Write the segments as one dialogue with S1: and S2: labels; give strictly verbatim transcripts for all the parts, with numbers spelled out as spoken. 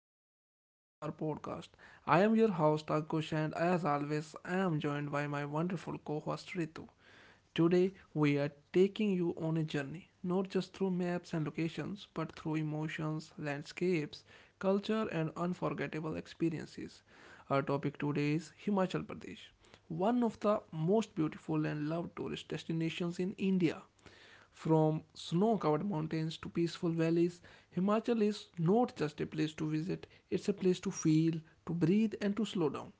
S1: episode of our podcast. I am your host, Akush, and as always, I am joined by my wonderful co host, Ritu. Today, we are taking you on a journey, not just through maps and locations, but through emotions, landscapes, culture, and unforgettable experiences. Our topic today is Himachal Pradesh, one of the most beautiful and loved tourist destinations in India. From snow covered mountains to peaceful valleys, Himachal is not just a place to visit, it's a place to feel, to breathe, and to slow down.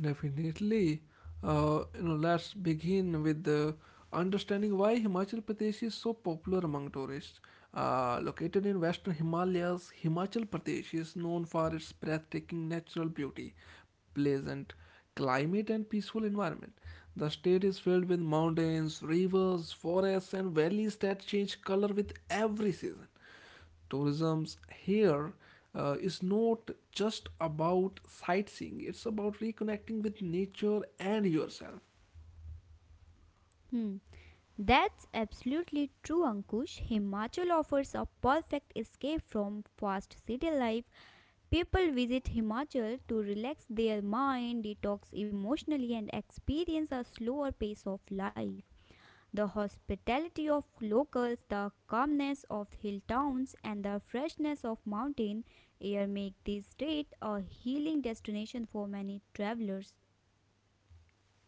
S1: Definitely. Uh, you know, let's begin with the understanding why Himachal Pradesh is so popular among tourists. Uh, located in western Himalayas, Himachal Pradesh is known for its breathtaking natural beauty, pleasant climate, and peaceful environment. The state is filled with mountains, rivers, forests, and valleys that change color with every season. Tourism's here uh, is not just about sightseeing, it's about reconnecting with nature and yourself.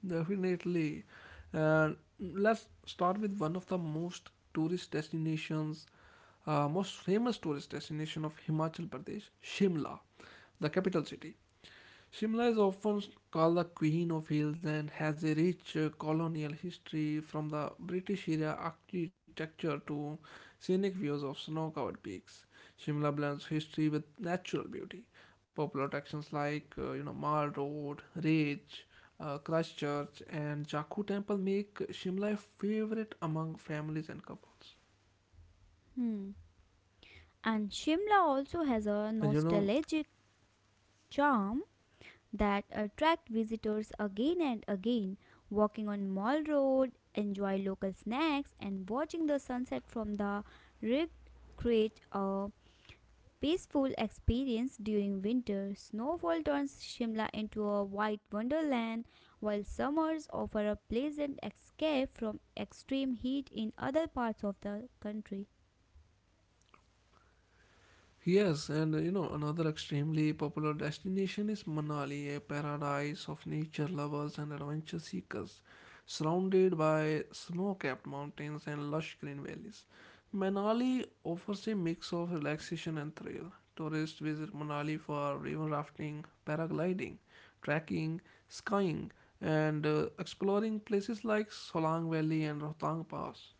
S1: Definitely. And let's start with one of the most tourist destinations, uh, most famous tourist destination of himachal pradesh, shimla, the capital city. Shimla is often called the Queen of Hills and has a rich uh, colonial history, from the British era architecture to scenic views of snow covered peaks. Shimla blends history with natural beauty. Popular attractions like uh, you know Mall Road, Ridge, uh, Christchurch, and Jakku Temple make Shimla a favorite among families and couples. And you know, yes, and uh, you know, another extremely popular destination is Manali, a paradise of nature lovers and adventure seekers, surrounded by snow capped mountains and lush green valleys. Manali offers a mix of relaxation and thrill. Tourists visit Manali for river rafting, paragliding, trekking, skiing, and uh, exploring places like Solang Valley and Rohtang Pass.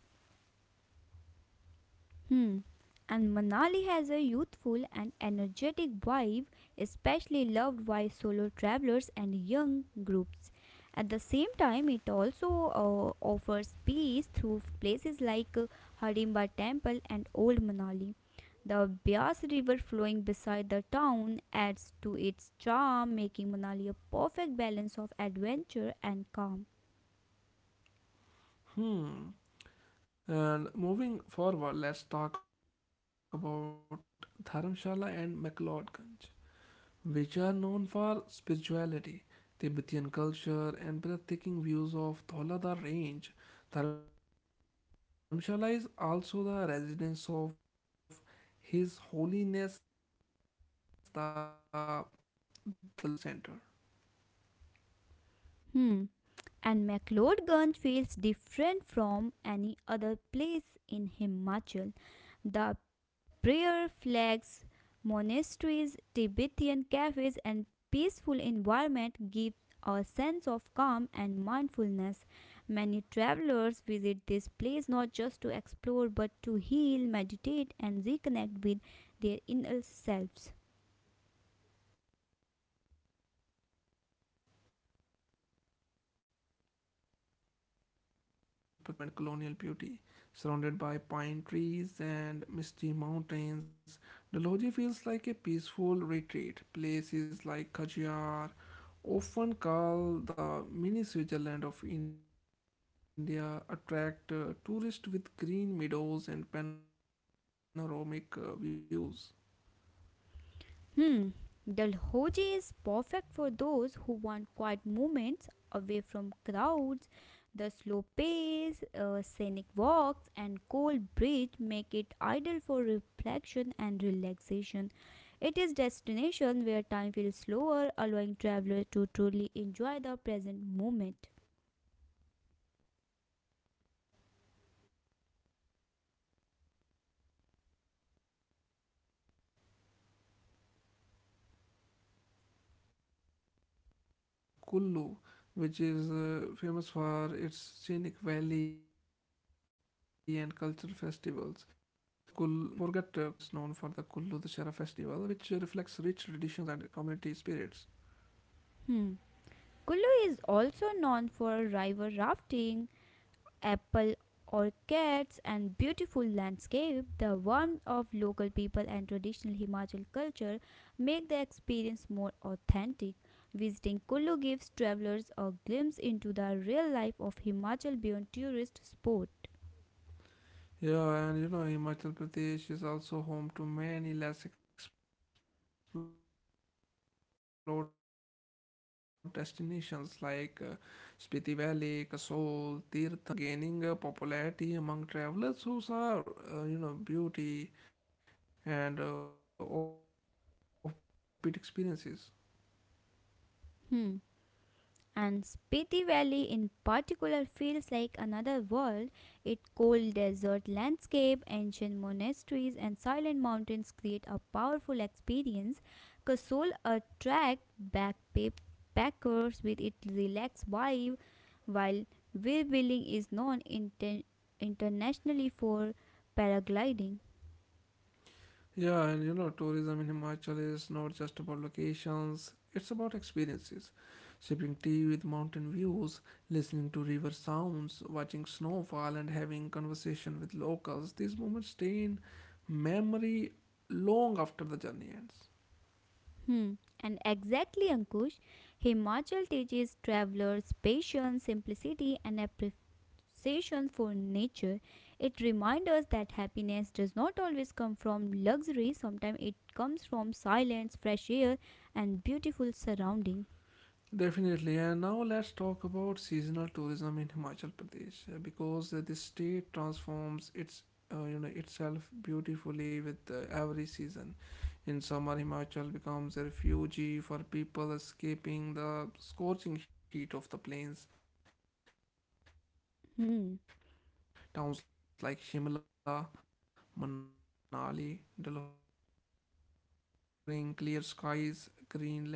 S1: Hmm. And moving forward, let's talk about Dharamshala and McLeodganj, which are known for spirituality, Tibetan culture, and breathtaking views of Dholada Range. Dharamshala is also the residence of His Holiness the Dalai Lama, making it a major spiritual and cultural center. Yeah, and uh, another gem of Himachal Pradesh is Dalhousie, known for its old world charm and colonial beauty. Surrounded by pine trees and misty mountains, Dalhousie feels like a peaceful retreat. Places like Khajiar, often called the mini Switzerland of India, attract uh, tourists with green meadows and panoramic uh, views. Hmm, and uh, you know, Kul, mm, let's not forget uh, Kullu, which is uh, famous for its scenic valley and cultural festivals. Kullu is often visiting along with Manali and is known for the Kullu Dashera festival, which uh, reflects rich traditions and community spirits. Yeah, and you know, Himachal Pradesh is also home to many less explored destinations like uh, Spiti Valley, Kasol, Tirthan Valley, Chitkul, and Birbiling. These places are gaining uh, popularity among travelers who saw, uh, you know, beauty and uh, offbeat experiences. Yeah, and you know, tourism in Himachal is not just about locations, it's about experiences. Sipping tea with mountain views, listening to river sounds, watching snowfall, and having conversation with locals. These moments stay in memory long after the journey ends. Definitely, and now let's talk about seasonal tourism in Himachal Pradesh uh, because uh, this state transforms its uh, you know itself beautifully with uh, every season. In summer, Himachal becomes a refuge for people escaping the scorching heat of the plains. Towns like Shimla, Manali, Dalhousie, and Dharamshala remain pleasantly cool, offering clear skies, green landscapes, and comfortable weather for sightseeing.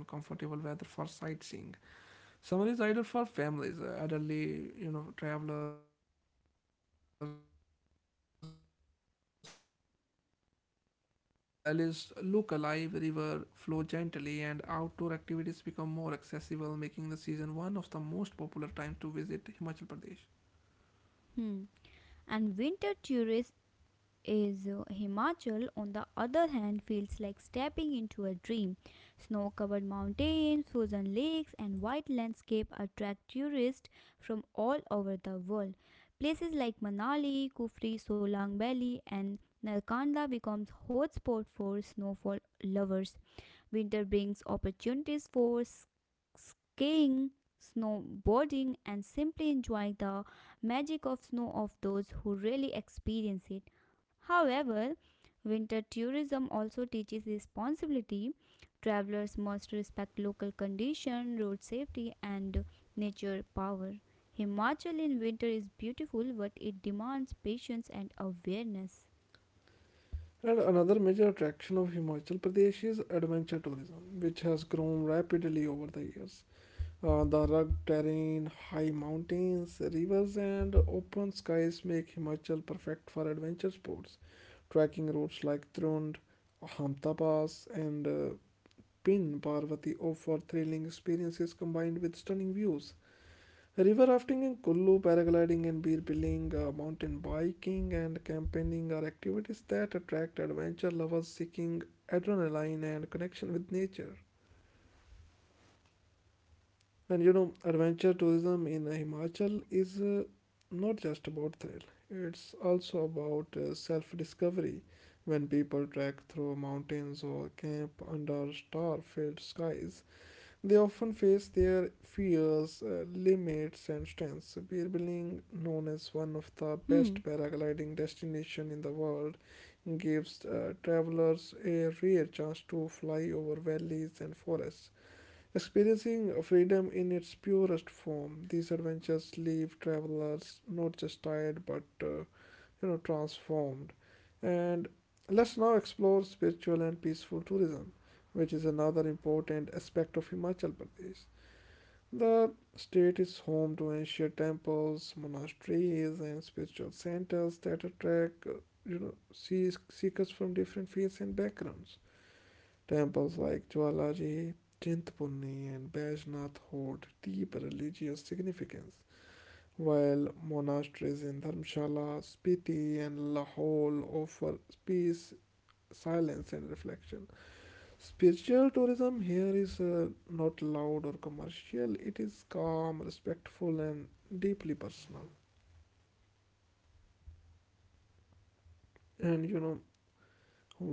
S1: Summer is ideal for families, uh, elderly, you know, travelers, and uh, anyone who wants to enjoy nature without extreme conditions. The valleys look alive, river flow gently, and outdoor activities become more accessible, making the season one of the most popular times to visit Himachal Pradesh. And another major attraction of Himachal Pradesh is adventure tourism, which has grown rapidly over the years. Uh, the rugged terrain, high mountains, rivers, and open skies make Himachal perfect for adventure sports. Trekking routes like Trund, Hamta Pass, and uh, Pin Parvati offer thrilling experiences combined with stunning views. River rafting in Kullu, paragliding and beer uh, mountain biking, and campaigning are activities that attract adventure lovers seeking adrenaline and connection with nature. And you know, adventure tourism in Himachal is uh, not just about thrill, it's also about uh, self discovery. When people trek through mountains or camp under star filled skies, they often face their fears, uh, limits, and strengths. Beer Billing, known as one of the best paragliding destinations in the world, gives uh, travelers a rare chance to fly over valleys and forests. Experiencing freedom in its purest form, these adventures leave travelers not just tired but uh, you know transformed. And let's now explore spiritual and peaceful tourism, which is another important aspect of Himachal Pradesh. The state is home to ancient temples, monasteries, and spiritual centers that attract uh, you know seekers from different faiths and backgrounds. Temples like Jwalaji, Chintapurni, and Baishnath hold deep religious significance, while monasteries in Dharamshala, Spiti, and Lahore offer peace, silence, and reflection. Spiritual tourism here is uh, not loud or commercial, it is calm, respectful, and deeply personal. And you know,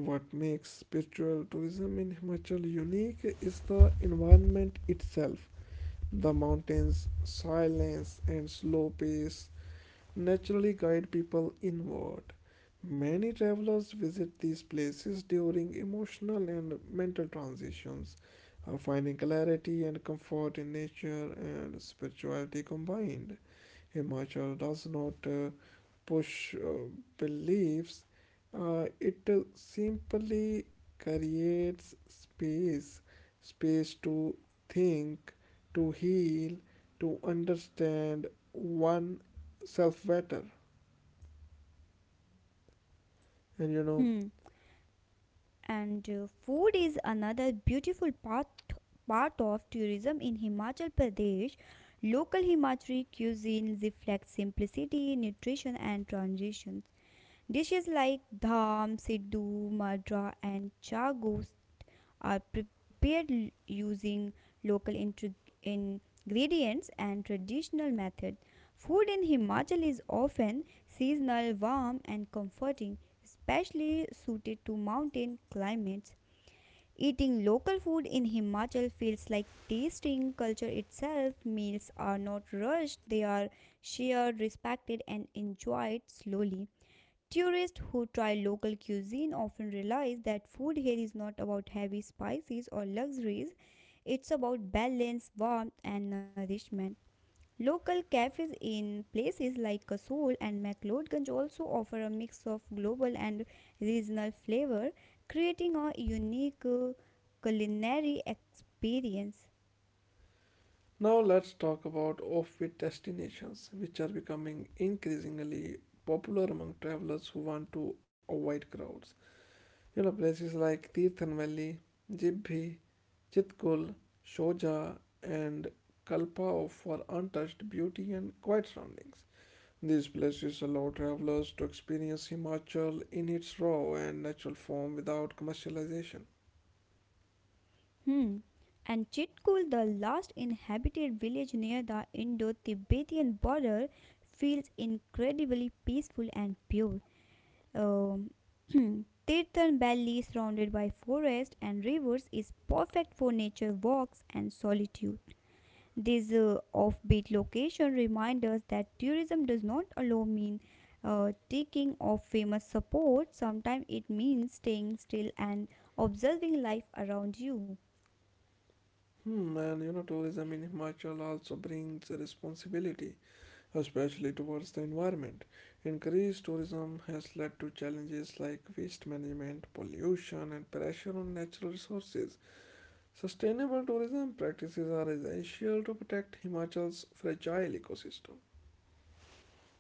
S1: what makes spiritual tourism in Himachal unique is the environment itself. The mountain's silence and slow pace naturally guide people inward. Many travelers visit these places during emotional and mental transitions, uh, finding clarity and comfort in nature and spirituality combined. Himachal does not uh, push uh, beliefs, uh, it uh, simply creates space, space to think, to heal, to understand oneself better. And you know,
S2: Hmm. And uh, food is another beautiful part part of tourism in Himachal Pradesh. Local Himachali cuisine reflects simplicity, nutrition, and transitions. Dishes like dham, siddu, madra, and chagu are prepared l- using local intri- ingredients and traditional method. Food in Himachal is often seasonal, warm and comforting, especially suited to mountain climates. Eating local food in Himachal feels like tasting culture itself. Meals are not rushed, they are shared, respected and enjoyed slowly. Tourists who try local cuisine often realize that food here is not about heavy spices or luxuries, it's about balance, warmth, and nourishment. Local cafes in places like Kasol and McLeodganj also offer a mix of global and regional flavor, creating a unique uh, culinary experience.
S1: now let's talk about offbeat destinations, which are becoming increasingly popular among travelers who want to avoid crowds. You know, places like Tirthan Valley, Jibhi, Chitkul, Shoja, and Kalpa offer untouched beauty and quiet surroundings. These places allow travelers to experience Himachal in its raw and natural form without commercialization.
S2: Hmm. And Chitkul, the last inhabited village near the Indo Tibetan border, feels incredibly peaceful and pure. Um, Tirthan Valley, surrounded by forest and rivers, is perfect for nature walks and solitude. This uh, offbeat location reminds us that tourism does not alone mean uh, taking off famous support, sometimes it means staying still and observing life around you.
S1: Hmm, and you know, tourism in Himachal also brings a responsibility, especially towards the environment. Increased tourism has led to challenges like waste management, pollution, and pressure on natural resources. Sustainable tourism practices are essential to protect Himachal's fragile ecosystem.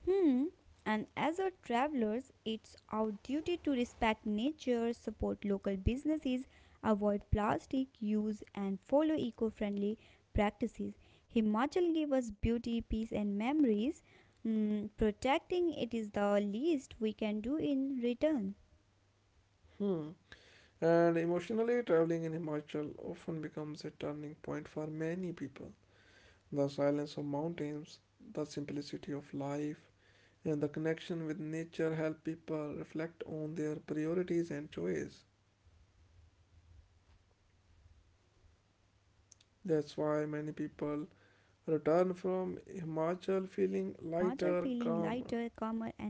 S2: Hmm. And as a travelers, it's our duty to respect nature, support local businesses, avoid plastic use, and follow eco-friendly practices. Himachal gave us beauty, peace, and memories. Hmm, protecting it is the least we can do in return.
S1: Hmm. And emotionally, traveling in Himachal often becomes a turning point for many people. The silence of mountains, the simplicity of life, and the connection with nature help people reflect on their priorities and choices. That's
S2: Hmm,
S1: why many
S2: that's
S1: people
S2: why many people
S1: return
S2: return
S1: from
S2: from Himachal
S1: Himachal
S2: feeling
S1: feeling
S2: lighter,
S1: lighter,
S2: calmer, and
S1: calmer.
S2: clearer.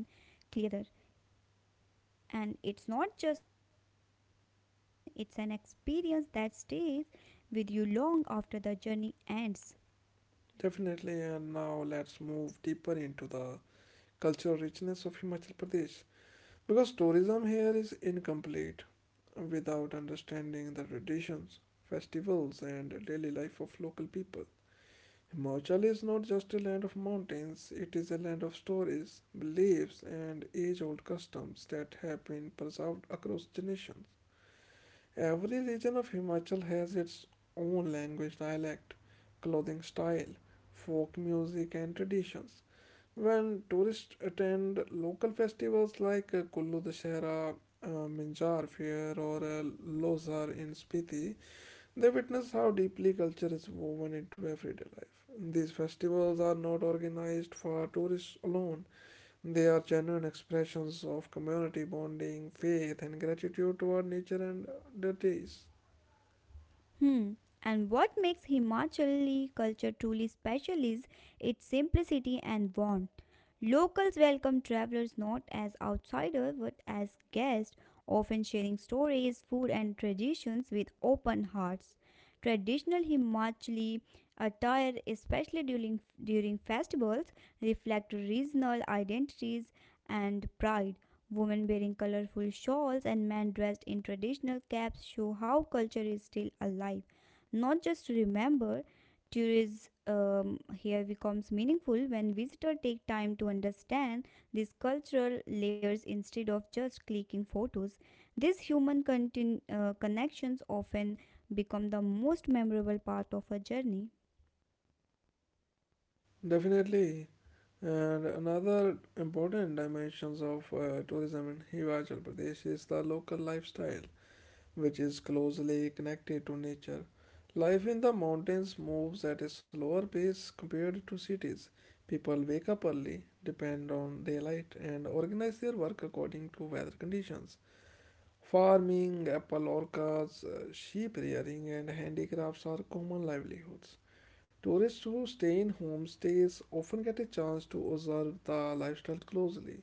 S2: And it's not just a destination, it's an experience that stays with you long after the journey ends.
S1: Definitely, and now let's move deeper into the cultural richness of Himachal Pradesh, because tourism here is incomplete without understanding the traditions, festivals, and daily life of local people. Himachal is not just a land of mountains, it is a land of stories, beliefs, and age old customs that have been preserved across generations. Every region of Himachal has its own language dialect, clothing style, folk music, and traditions. When tourists attend local festivals like uh, Kullu Dashera, uh, Minjar Fair, or uh, Lozar in Spiti, they witness how deeply culture is woven into everyday life. These festivals are not organized for tourists alone, they are genuine expressions of community bonding, faith, and gratitude toward nature and deities.
S2: Hmm. And what makes Himachali culture truly special is its simplicity and warmth. Locals welcome travelers not as outsiders but as guests, often sharing stories, food, and traditions with open hearts. Traditional Himachali attire, especially during during festivals, reflect regional identities and pride. Women wearing colorful shawls and men dressed in traditional caps show how culture is still alive. Not just remember, tourism um, here becomes meaningful when visitors take time to understand these cultural layers instead of just clicking photos. These human contin- uh, connections often become the most memorable part of a journey.
S1: Definitely. And another important dimensions of uh, tourism in Himachal Pradesh is the local lifestyle, which is closely connected to nature. Life in the mountains moves at a slower pace compared to cities. People wake up early, depend on daylight, and organize their work according to weather conditions. Farming, apple orchards, uh, sheep rearing, and handicrafts are common livelihoods. Tourists who stay in homestays often get a chance to observe the lifestyle closely,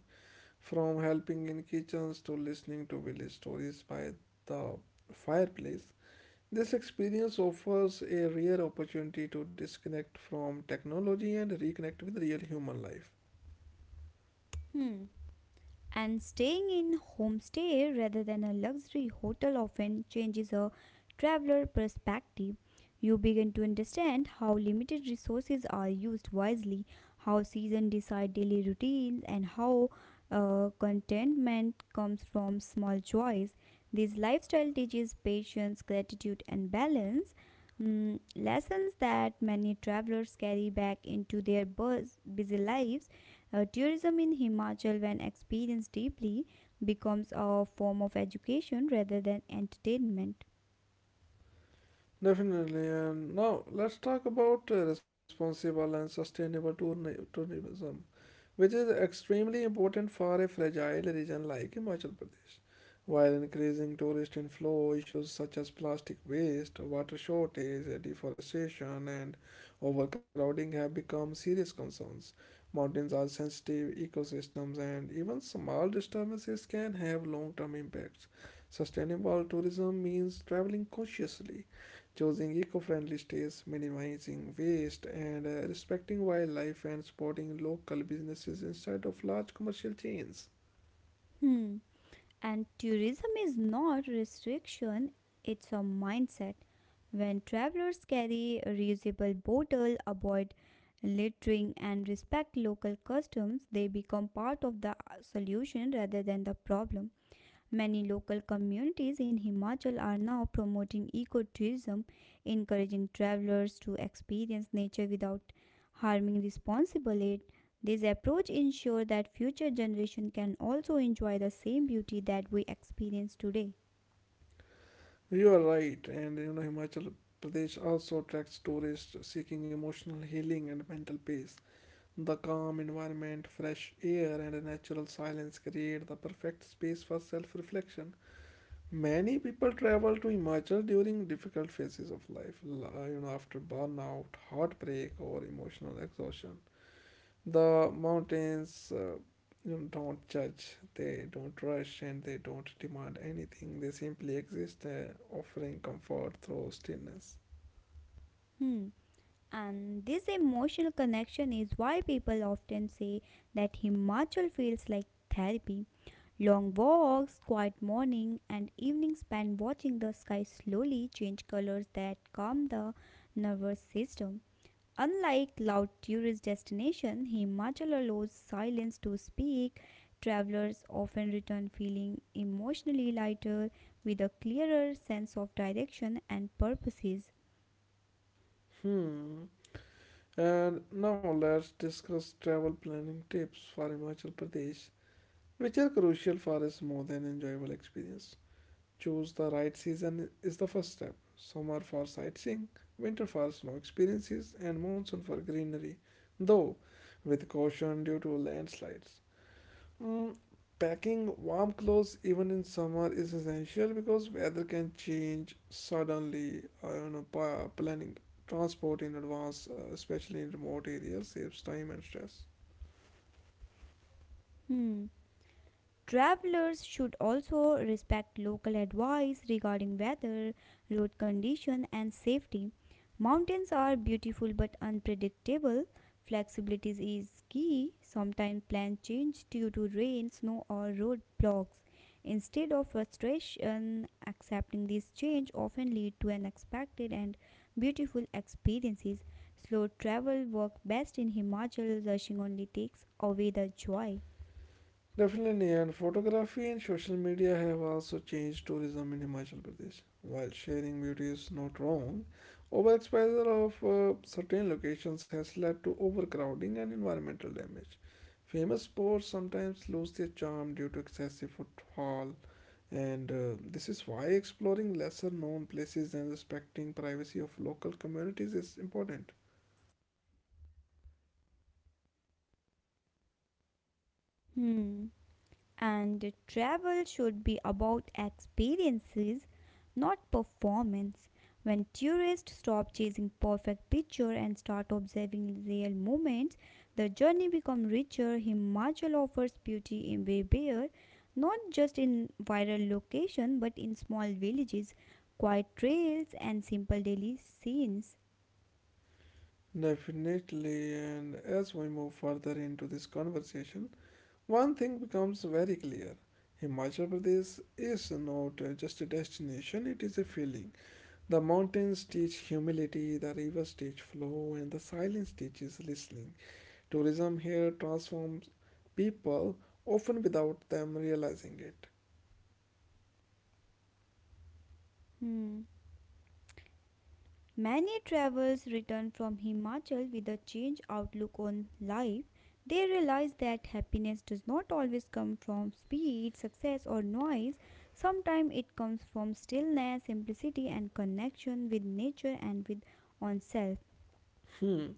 S1: from helping in kitchens to listening to village stories by the fireplace. This experience offers a rare opportunity to disconnect from technology and reconnect with real human life.
S2: Hmm. And staying in homestay rather than a luxury hotel often changes a traveler perspective. You begin to understand how limited resources are used wisely, how seasons decide daily routines, and how uh, contentment comes from small joys. This lifestyle teaches patience, gratitude, and balance. Mm, lessons that many travelers carry back into their buzz, busy lives uh, tourism in Himachal, when experienced deeply, becomes a form of education rather than entertainment.
S1: Definitely, and now let's talk about uh, responsible and sustainable tourna- tourism, which is extremely important for a fragile region like Himachal Pradesh. While increasing tourist inflow, issues such as plastic waste, water shortage, deforestation, and overcrowding have become serious concerns. Mountains are sensitive ecosystems, and even small disturbances can have long term impacts. Sustainable tourism means traveling consciously, choosing eco-friendly stays, minimizing waste, and uh, respecting wildlife and supporting local businesses instead of large commercial chains.
S2: Hmm. And tourism is not restriction, it's a mindset. When travelers carry a reusable bottle, avoid littering and respect local customs, they become part of the solution rather than the problem. Many local communities in Himachal are now promoting ecotourism, encouraging travelers to experience nature without harming responsibly. It. This approach ensures that future generations can also enjoy the same beauty that we experience today.
S1: You are right, and you know Himachal Pradesh also attracts tourists seeking emotional healing and mental peace. The calm environment, fresh air, and a natural silence create the perfect space for self-reflection. Many people travel to Himachal during difficult phases of life, li- you know, after burnout, heartbreak, or emotional exhaustion. The mountains uh, you know, don't judge, they don't rush, and they don't demand anything. They simply exist, uh, offering comfort through stillness.
S2: Hmm. And this emotional connection is why people often say that Himachal feels like therapy. Long walks, quiet morning and evening spent watching the sky slowly change colors that calm the nervous system. Unlike loud tourist destinations, Himachal allows silence to speak. Travelers often return feeling emotionally lighter with a clearer sense of direction and purposes.
S1: Hmm. And now let's discuss travel planning tips for Himachal Pradesh, which are crucial for a smooth and enjoyable experience. Choose the right season is the first step. Summer for sightseeing, winter for snow experiences, and monsoon for greenery, though with caution due to landslides. Mm, packing warm clothes even in summer is essential because weather can change suddenly. I do know, pa- planning transport in advance, uh, especially in remote areas, saves time and stress.
S2: Hmm. Travelers should also respect local advice regarding weather, road condition, and safety. Mountains are beautiful but unpredictable. Flexibility is key. Sometimes plans change due to rain, snow, or roadblocks. Instead of frustration, accepting this change often lead to unexpected and beautiful experiences. Slow travel work best in Himachal. Rushing only takes away the joy.
S1: Definitely, and photography and social media have also changed tourism in Himachal Pradesh. While sharing beauty is not wrong, overexposure of uh, certain locations has led to overcrowding and environmental damage. Famous sports sometimes lose their charm due to excessive footfall. And uh, this is why exploring lesser known places and respecting privacy of local communities is important.
S2: Hmm. And travel should be about experiences, not performance. When tourists stop chasing perfect picture and start observing real moments, the journey becomes richer. Himachal offers beauty in bare, not just in viral location, but in small villages, quiet trails, and simple daily scenes.
S1: Definitely, and as we move further into this conversation, one thing becomes very clear. Himachal Pradesh is not uh, just a destination, it is a feeling. The mountains teach humility, the rivers teach flow, and the silence teaches listening. Tourism here transforms people, often without them realizing it.
S2: Hmm. Many travelers return from Himachal with a changed outlook on life. They realize that happiness does not always come from speed, success, or noise. Sometimes it comes from stillness, simplicity, and connection with nature and with oneself.
S1: Hmm.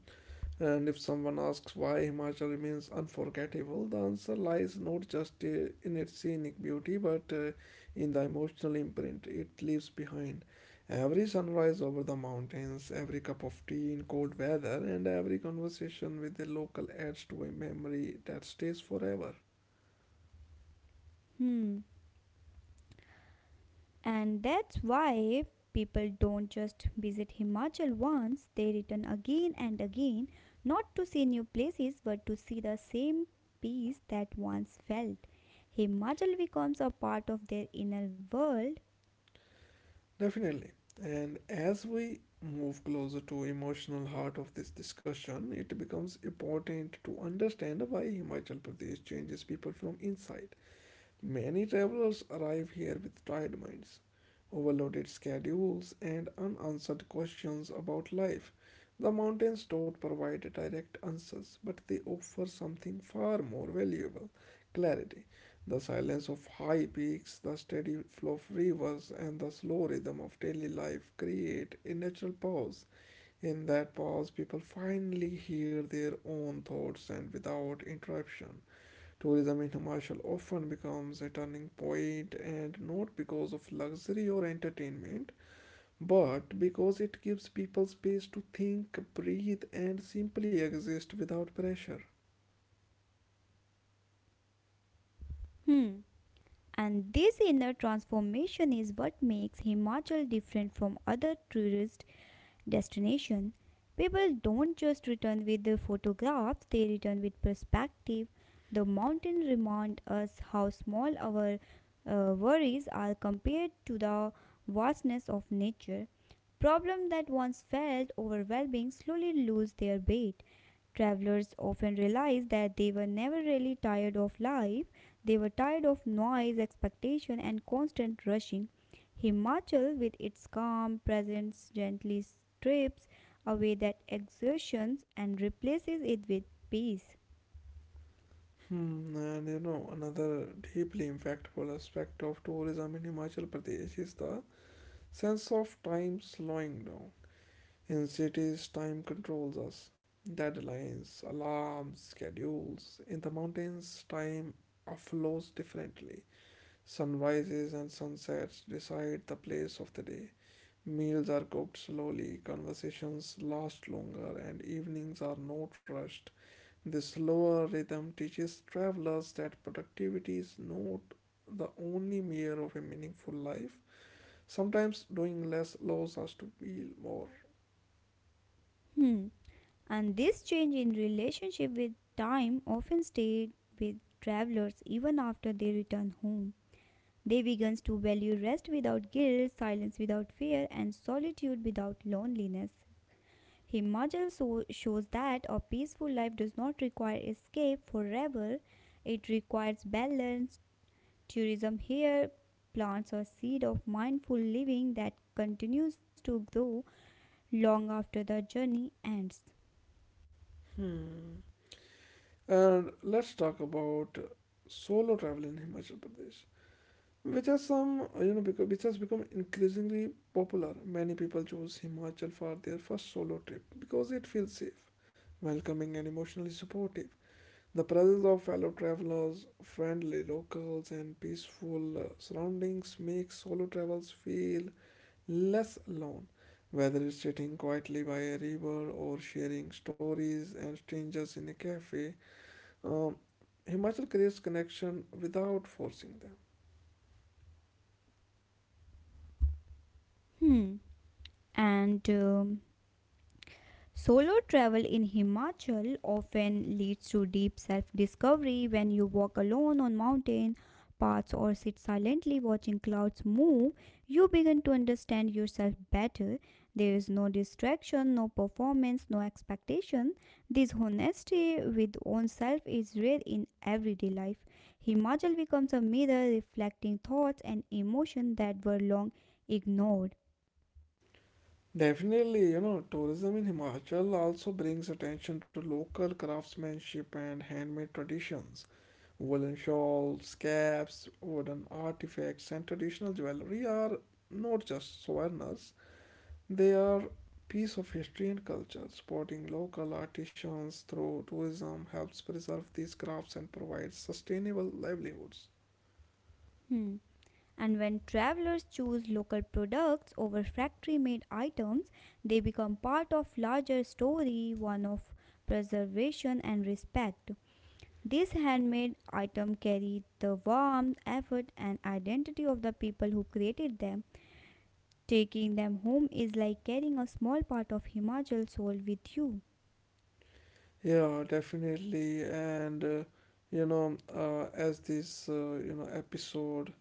S1: And if someone asks why Himachal remains unforgettable, the answer lies not just uh, in its scenic beauty but uh, in the emotional imprint it leaves behind. Every sunrise over the mountains, every cup of tea in cold weather, and every conversation with a local adds to a memory that stays forever.
S2: Hmm. And that's why people don't just visit Himachal once, they return again and again, not to see new places but to see the same peace that once felt. Himachal becomes a part of their inner world.
S1: Definitely. And as we move closer to emotional heart of this discussion, it becomes important to understand why Himachal Pradesh changes people from inside. Many travelers arrive here with tired minds, overloaded schedules, and unanswered questions about life. The mountains don't provide direct answers, but they offer something far more valuable: clarity. The silence of high peaks, the steady flow of rivers, and the slow rhythm of daily life create a natural pause. In that pause, people finally hear their own thoughts and without interruption. Tourism in Himachal often becomes a turning point and not because of luxury or entertainment, but because it gives people space to think, breathe, and simply exist without pressure.
S2: Hmm. And this inner transformation is what makes Himachal different from other tourist destination. People don't just return with the photographs, they return with perspective. The mountain remind us how small our uh, worries are compared to the vastness of nature. Problems that once felt overwhelming slowly lose their weight. Travelers often realize that they were never really tired of life they were tired of noise, expectation, and constant rushing. Himachal, with its calm presence, gently strips away that exertion and replaces it with peace.
S1: Hmm, and you know, another deeply impactful aspect of tourism in Himachal Pradesh is the sense of time slowing down. In cities, time controls us. Deadlines, alarms, schedules. In the mountains, time flows differently. Sunrises and sunsets decide the place of the day. Meals are cooked slowly, conversations last longer, and evenings are not rushed. This slower rhythm teaches travelers that productivity is not the only measure of a meaningful life. Sometimes doing less allows us to feel more.
S2: Hmm. And this change in relationship with time often stayed with travelers even after they return home. They began to value rest without guilt, silence without fear, and solitude without loneliness. Himachal so- shows that a peaceful life does not require escape forever, it requires balance. Tourism here plants a seed of mindful living that continues to grow long after the journey ends.
S1: Hmm. And let's talk about solo travel in Himachal Pradesh, which has some, you know, because which has become increasingly popular. Many people choose Himachal for their first solo trip because it feels safe, welcoming, and emotionally supportive. The presence of fellow travelers, friendly locals, and peaceful uh, surroundings makes solo travels feel less alone, whether it's sitting quietly by a river or sharing stories and strangers in a cafe. um, Himachal creates connection without forcing them.
S2: Hmm. And um, solo travel in Himachal often leads to deep self-discovery when you walk alone on mountain paths or sit silently watching clouds move, you begin to understand yourself better. There is no distraction, no performance, no expectation. This honesty with oneself is rare in everyday life. Himachal becomes a mirror reflecting thoughts and emotions that were long ignored.
S1: Definitely, you know, tourism in Himachal also brings attention to local craftsmanship and handmade traditions. Woolen shawls, caps, wooden artifacts, and traditional jewelry are not just souvenirs, they are piece of history and culture. Supporting local artisans through tourism helps preserve these crafts and provides sustainable livelihoods.
S2: Hmm. And when travelers choose local products over factory made items, they become part of larger story, one of preservation and respect. These handmade items carry the warmth, effort, and identity of the people who created them. Taking them home is like carrying a small part of Himachal's soul with you.
S1: Yeah, definitely, and uh, you know, uh, as this uh, you know episode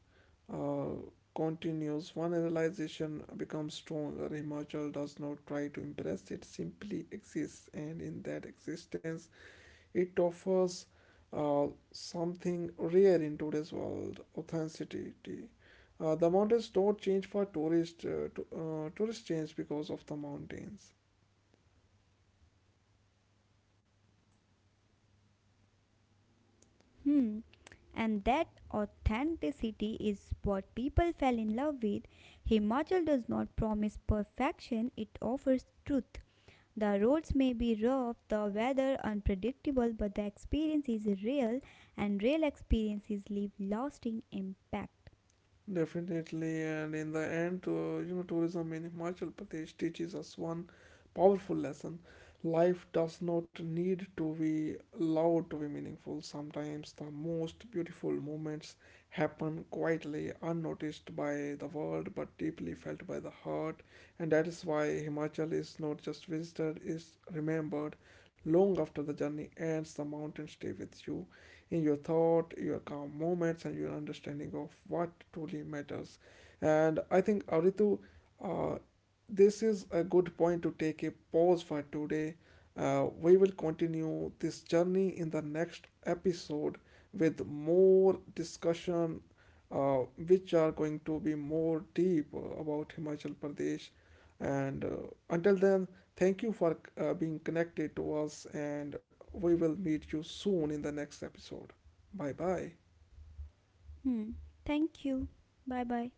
S1: uh, continues. One realization becomes stronger. Himachal does not try to impress, it simply exists, and in that existence, it offers uh, something rare in today's world: authenticity. Uh, the mountains don't change for tourists, uh, to, uh, tourists change because of the mountains.
S2: Hmm. And that authenticity is what people fell in love with. Himachal does not promise perfection, it offers truth. The roads may be rough, the weather unpredictable, but the experience is real, and real experiences leave lasting impact.
S1: Definitely, and in the end, uh, you know, tourism in Himachal Pradesh teaches us one powerful lesson. Life does not need to be loud to be meaningful. Sometimes the most beautiful moments happen quietly, unnoticed by the world, but deeply felt by the heart. And that is why Himachal is not just visited, is remembered long after the journey ends. The mountains stay with you in your thought, your calm moments, and your understanding of what truly matters. And I think, Aritu, uh, this is a good point to take a pause for today. Uh, we will continue this journey in the next episode with more discussion, uh, which are going to be more deep about Himachal Pradesh. And uh, Until then, thank you for uh, being connected to us, and we will meet you soon in the next episode. Bye bye.
S2: Hmm. Thank you. Bye bye.